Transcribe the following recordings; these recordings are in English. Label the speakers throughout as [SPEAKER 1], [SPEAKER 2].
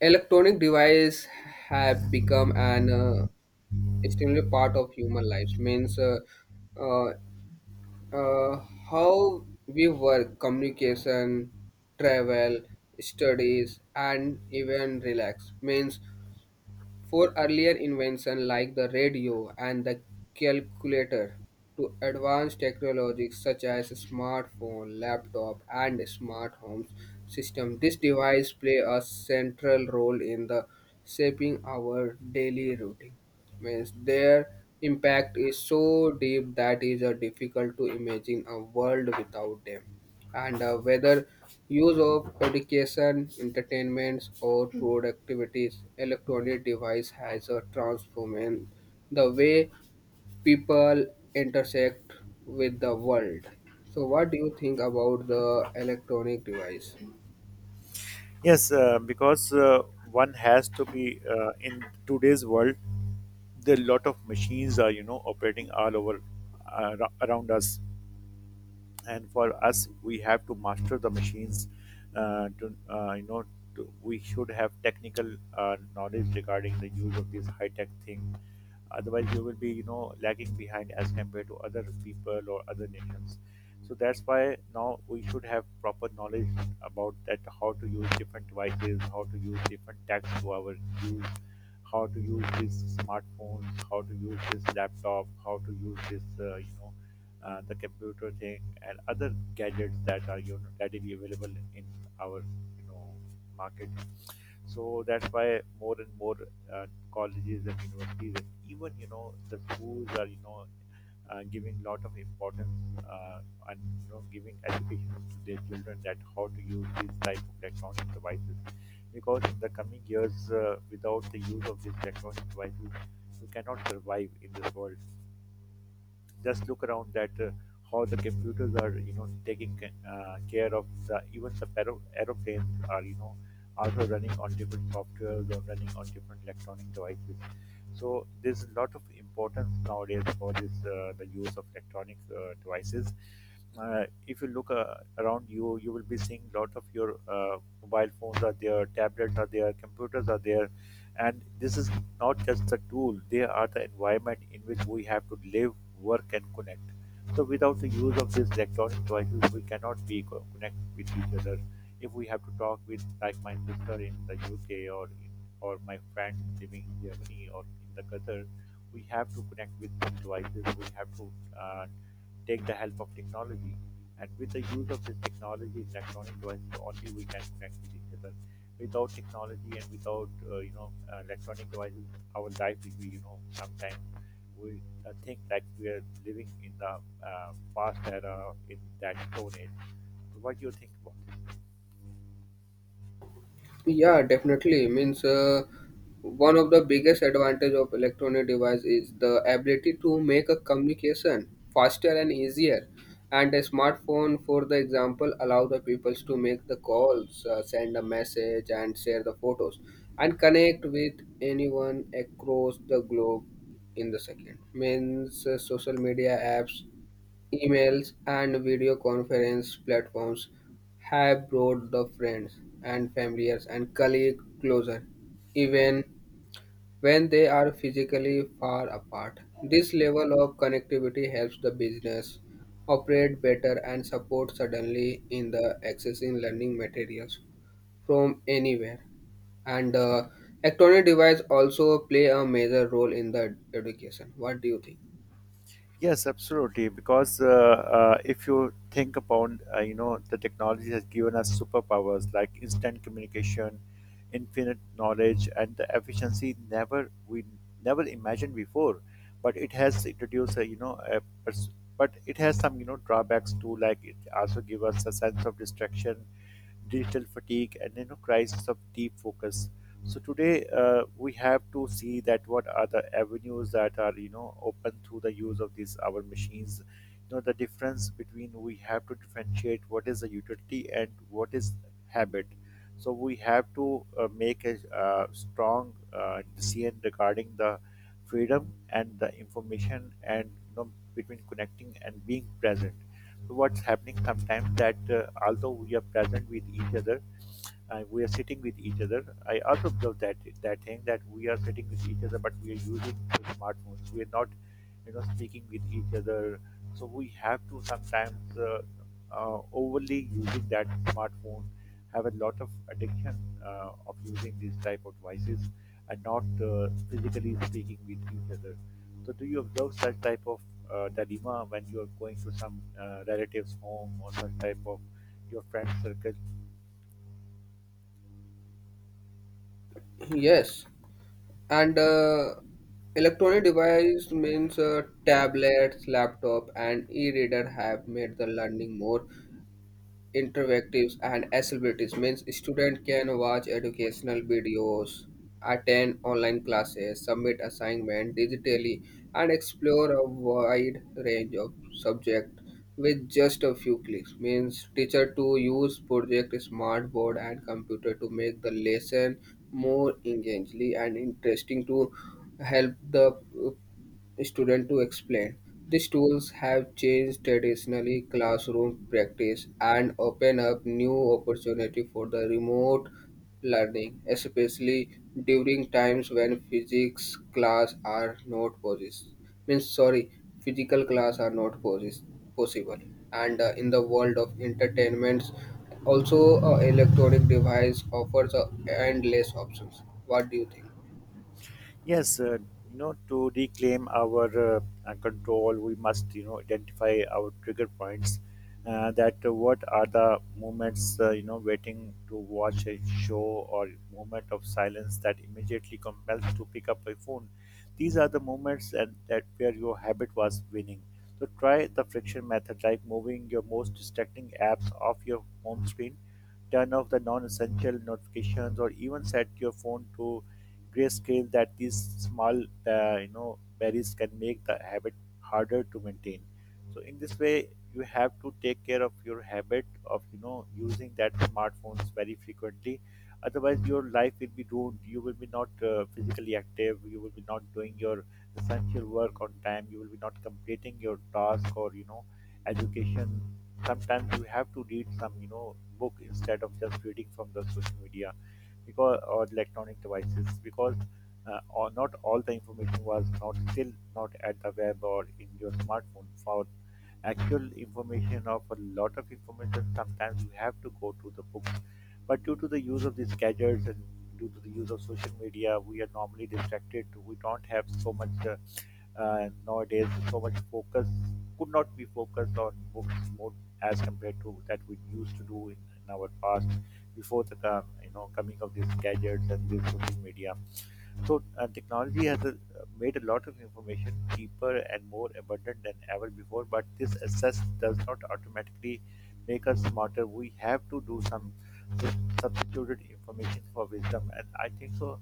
[SPEAKER 1] Electronic devices have become an extremely part of human lives, means uh, uh, how we work, communication, travel, studies, and even relax. Means for earlier inventions like the radio and the calculator, to advanced technologies such as smartphone, laptop, and smart home system, these devices play a central role in the shaping our daily routine. Means their impact is so deep that is difficult to imagine a world without them, and whether use of education, entertainments, or road activities, electronic device has a transformed the way people intersect with the world. So, what do you think about the electronic device?
[SPEAKER 2] Yes, because one has to be in today's world. There are a lot of machines are operating all over around us, and for us we have to master the machines, to you know to, we should have technical knowledge regarding the use of this high tech thing. Otherwise we will be lagging behind as compared to other people or other nations. So that's why now we should have proper knowledge about that, how to use different devices, how to use different tags to our use, how to use these smartphones, how to use this laptop, how to use this the computer thing, and other gadgets that are readily available in our you know market. So that's why more and more uh, colleges and universities, and even the schools are giving lot of importance, uh, and giving education to their children, that how to use these type of electronic devices, because in the coming years, without the use of these electronic devices we cannot survive in this world. Just look around that how the computers are taking care of the, even the aeroplanes are also running on different software or running on different electronic devices. So there's a lot of importance nowadays for this the use of electronic devices. If you look around you, you will be seeing lot of your mobile phones are there, tablets are there, computers are there, and this is not just the tool, they are the environment in which we have to live, work, and connect. So, without the use of these electronic devices, we cannot be connect with each other. If we have to talk with, like my sister in the UK, or in, or my friend living in Germany or in the Qatar, we have to connect with some devices. We have to uh, take the help of technology. And with the use of this technology, electronic devices, only we can connect with each other. Without technology and without electronic devices, our life will be sometimes we think like we are living in the past era, in that stone age. So what do you think about?
[SPEAKER 1] Yeah, definitely. Means one of the biggest advantage of electronic device is the ability to make a communication faster and easier. And a smartphone, for the example, allow the peoples to make the calls, send a message, and share the photos, and connect with anyone across the globe in the second. Means social media apps, emails, and video conference platforms have brought the friends and families and colleagues closer, even when they are physically far apart. This level of connectivity helps the business operate better and support suddenly in the accessing learning materials from anywhere. And electronic device also play a major role in the education. What do you think?
[SPEAKER 2] Yes, absolutely. Because if you think about, the technology has given us superpowers like instant communication, infinite knowledge, and the efficiency never imagined before. But it has introduced, a, you know, a pers- but it has some, drawbacks too. Like it also gives us a sense of distraction, digital fatigue, and crisis of deep focus. So today we have to see that what are the avenues that are open through the use of these our machines. You know the difference between, we have to differentiate what is a utility and what is habit. So we have to make a strong decision regarding the freedom and the information, and between connecting and being present. What's happening sometimes that although we are present with each other, we are sitting with each other. I also observed that, that thing that we are sitting with each other but we are using the smartphones, we are not speaking with each other. So we have to sometimes overly using that smartphone, have a lot of addiction of using these type of devices, and not physically speaking with each other. So do you observe such type of dilemma when you are going to some relatives home or such type of your friend circle?
[SPEAKER 1] Yes. And electronic device means tablets, laptop, and e-reader have made the learning more interactives and accessibilities. Means student can watch educational videos, attend online classes, submit assignment digitally, and explore a wide range of subject with just a few clicks. Means teacher to use project, smart board, and computer to make the lesson more engaging and interesting to help the student to explain. These tools have changed traditionally classroom practice and open up new opportunity for the remote learning, especially during times when physics class are not poses. Means sorry, physical class are not poses, possible. And in the world of entertainments, also electronic device offers endless options. What do you think?
[SPEAKER 2] Yes, you know, to reclaim our control, we must, you know, identify our trigger points. That What are the moments, waiting to watch a show or moment of silence that immediately compels to pick up a phone. These are the moments that, that where your habit was winning. So try the friction method, like moving your most distracting apps off your home screen, turn off the non-essential notifications, or even set your phone to grayscale. That these small, barriers can make the habit harder to maintain. So in this way, you have to take care of your habit of using that smartphones very frequently. Otherwise, your life will be ruined. You will be not physically active. You will be not doing your essential work on time. You will be not completing your task or education. Sometimes you have to read some book instead of just reading from the social media because, or electronic devices, because or not all the information was not still not at the web or in your smartphone. For actual information of a lot of information, sometimes you have to go to the books. But due to the use of these gadgets and due to the use of social media, we are normally distracted. We don't have so much nowadays so much focus, could not be focused on books more as compared to that we used to do in our past, before the coming of these gadgets and this social media. So technology has made a lot of information cheaper and more abundant than ever before. But this access does not automatically make us smarter. We have to do some substituted information for wisdom, and I think so.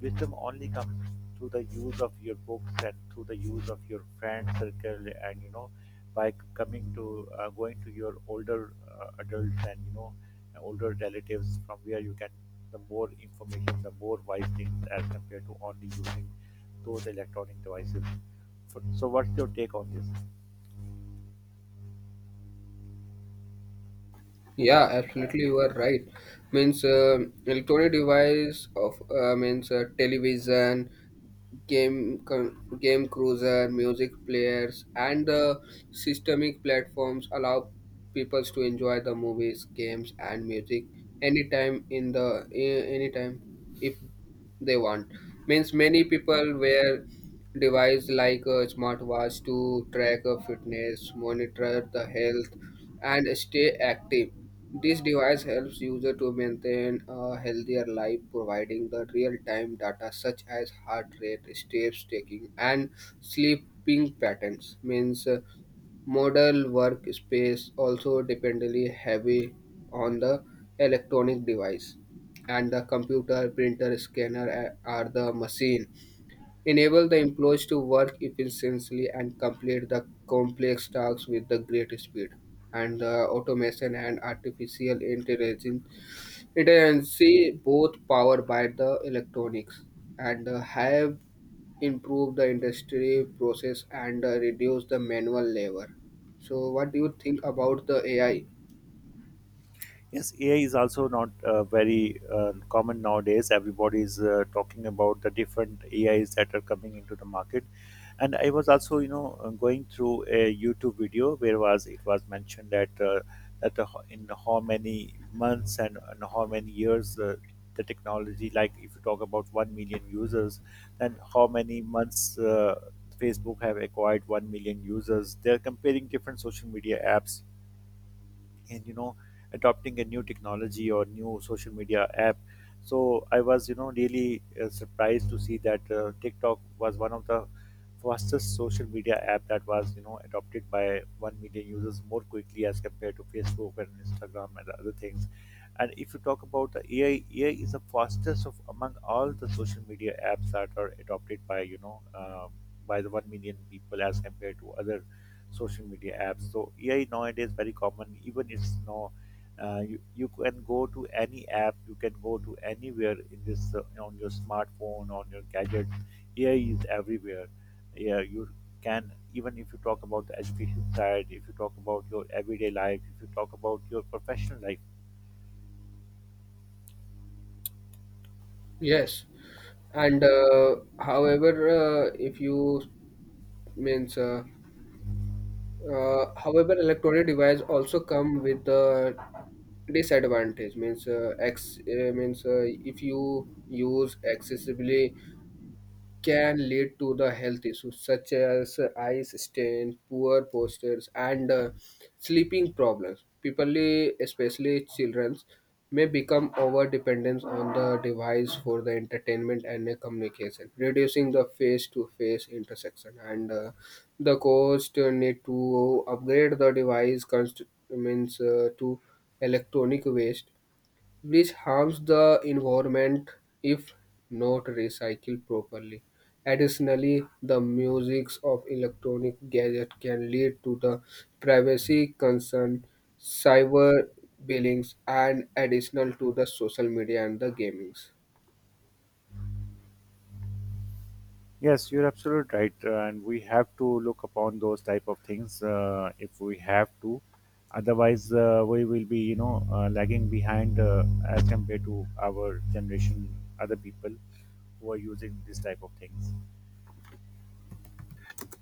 [SPEAKER 2] Wisdom only comes through the use of your books and through the use of your friend circle, and you know, by c- coming to going to your older adults and older relatives, from where you get the more information, the more wise things as compared to only using those electronic devices. So, so what's your take on this?
[SPEAKER 1] Yeah, absolutely, you are right. Means electronic device of means television, game cruiser, music players, and the systemic platforms allow people to enjoy the movies, games, and music anytime in the anytime if they want. Means many people wear device like a smartwatch to track a fitness, monitor the health, and stay active. This device helps user to maintain a healthier life, providing the real-time data such as heart rate, steps taken, and sleeping patterns. Means model workspace also dependently heavy on the electronic device, and the computer, printer, scanner are the machine enable the employees to work efficiently and complete the complex tasks with the great speed. And the automation and artificial intelligence, both powered by the electronics and have improved the industry process and reduced the manual labor. So, what do you think about the AI?
[SPEAKER 2] Yes, AI is also not very common nowadays. Everybody is talking about the different AIs that are coming into the market. And I was also, you know, going through a YouTube video where was it was mentioned that in how many months and how many years the technology, like if you talk about 1 million users, then how many months Facebook have acquired 1 million users. They're comparing different social media apps and adopting a new technology or new social media app. So I was really surprised to see that TikTok was one of the fastest social media app that was adopted by 1 million users more quickly as compared to Facebook and Instagram and other things. And if you talk about the AI, AI is the fastest of among all the social media apps that are adopted by by the 1 million people as compared to other social media apps. So AI nowadays very common. Even it's no, you can go to any app. You can go to anywhere in this on your smartphone, on your gadget. AI is everywhere. Yeah, you can, even if you talk about the education side, if you talk about your everyday life, if you talk about your professional life.
[SPEAKER 1] Yes, and however, if you means however, electronic device also come with the disadvantage. Means ex means if you use excessively can lead to the health issues such as eye strain, poor postures, and sleeping problems. People, especially children, may become over dependent on the device for the entertainment and communication, reducing the face to face interaction. And the cost need to upgrade the device means to electronic waste which harms the environment if not recycled properly. Additionally, the misuse of electronic gadgets can lead to the privacy concern, cyber billings, and additional to the social media and the gamings.
[SPEAKER 2] Yes, you're absolutely right, and we have to look upon those type of things if we have to. Otherwise, we will be, you know, lagging behind as compared to our generation, other people who are using this type of things.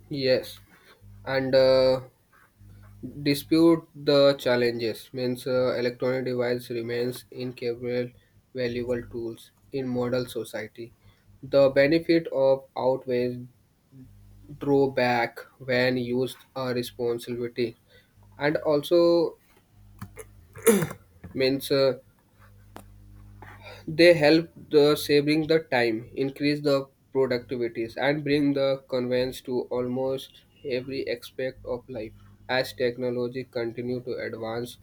[SPEAKER 1] Yes, and dispute the challenges, means electronic device remains incapable valuable tools in modern society. The benefit of outweighs drawback when used responsibility. And also means they help the saving the time, increase the productivities, and bring the convenience to almost every aspect of life. As technology continue to advance,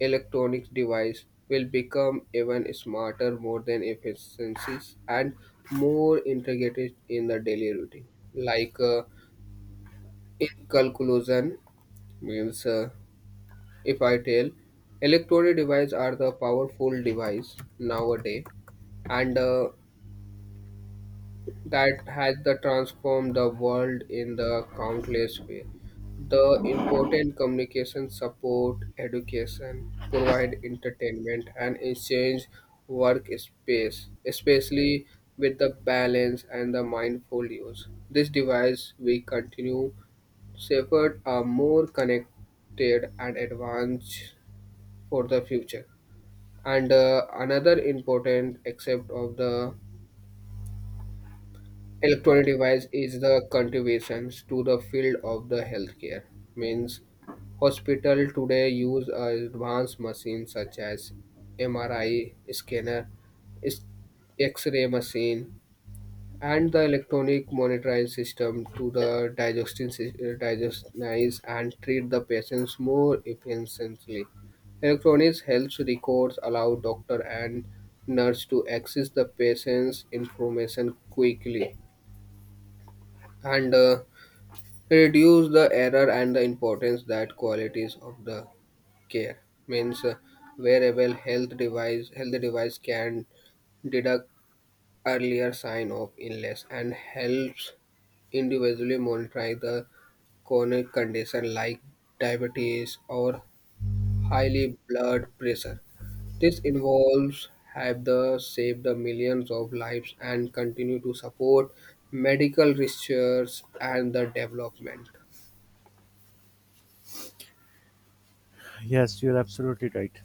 [SPEAKER 1] electronic device will become even smarter, more than efficiencies, and more integrated in the daily routine. Like in conclusion, means if I tell, electronic devices are the powerful device nowadays, and that has the transformed the world in the countless way. The important communication support, education, provide entertainment, and exchange workspace, especially with the balance and the mindful use. This device we continue to safeguard a more connected and advanced for the future. And another important aspect of the electronic device is the contributions to the field of the healthcare. Means hospital today use advanced machines such as MRI scanner, is- X-ray machine, and the electronic monitoring system to the digestionize and treat the patients more efficiently. Electronics health records allow doctor and nurse to access the patient's information quickly, and reduce the error and the importance that qualities of the care. Means wearable health device can detect earlier sign of illness and helps individually monitoring the chronic condition like diabetes or highly blood pressure. This involves have the saved the millions of lives and continue to support medical research and the development.
[SPEAKER 2] Yes, you're absolutely right.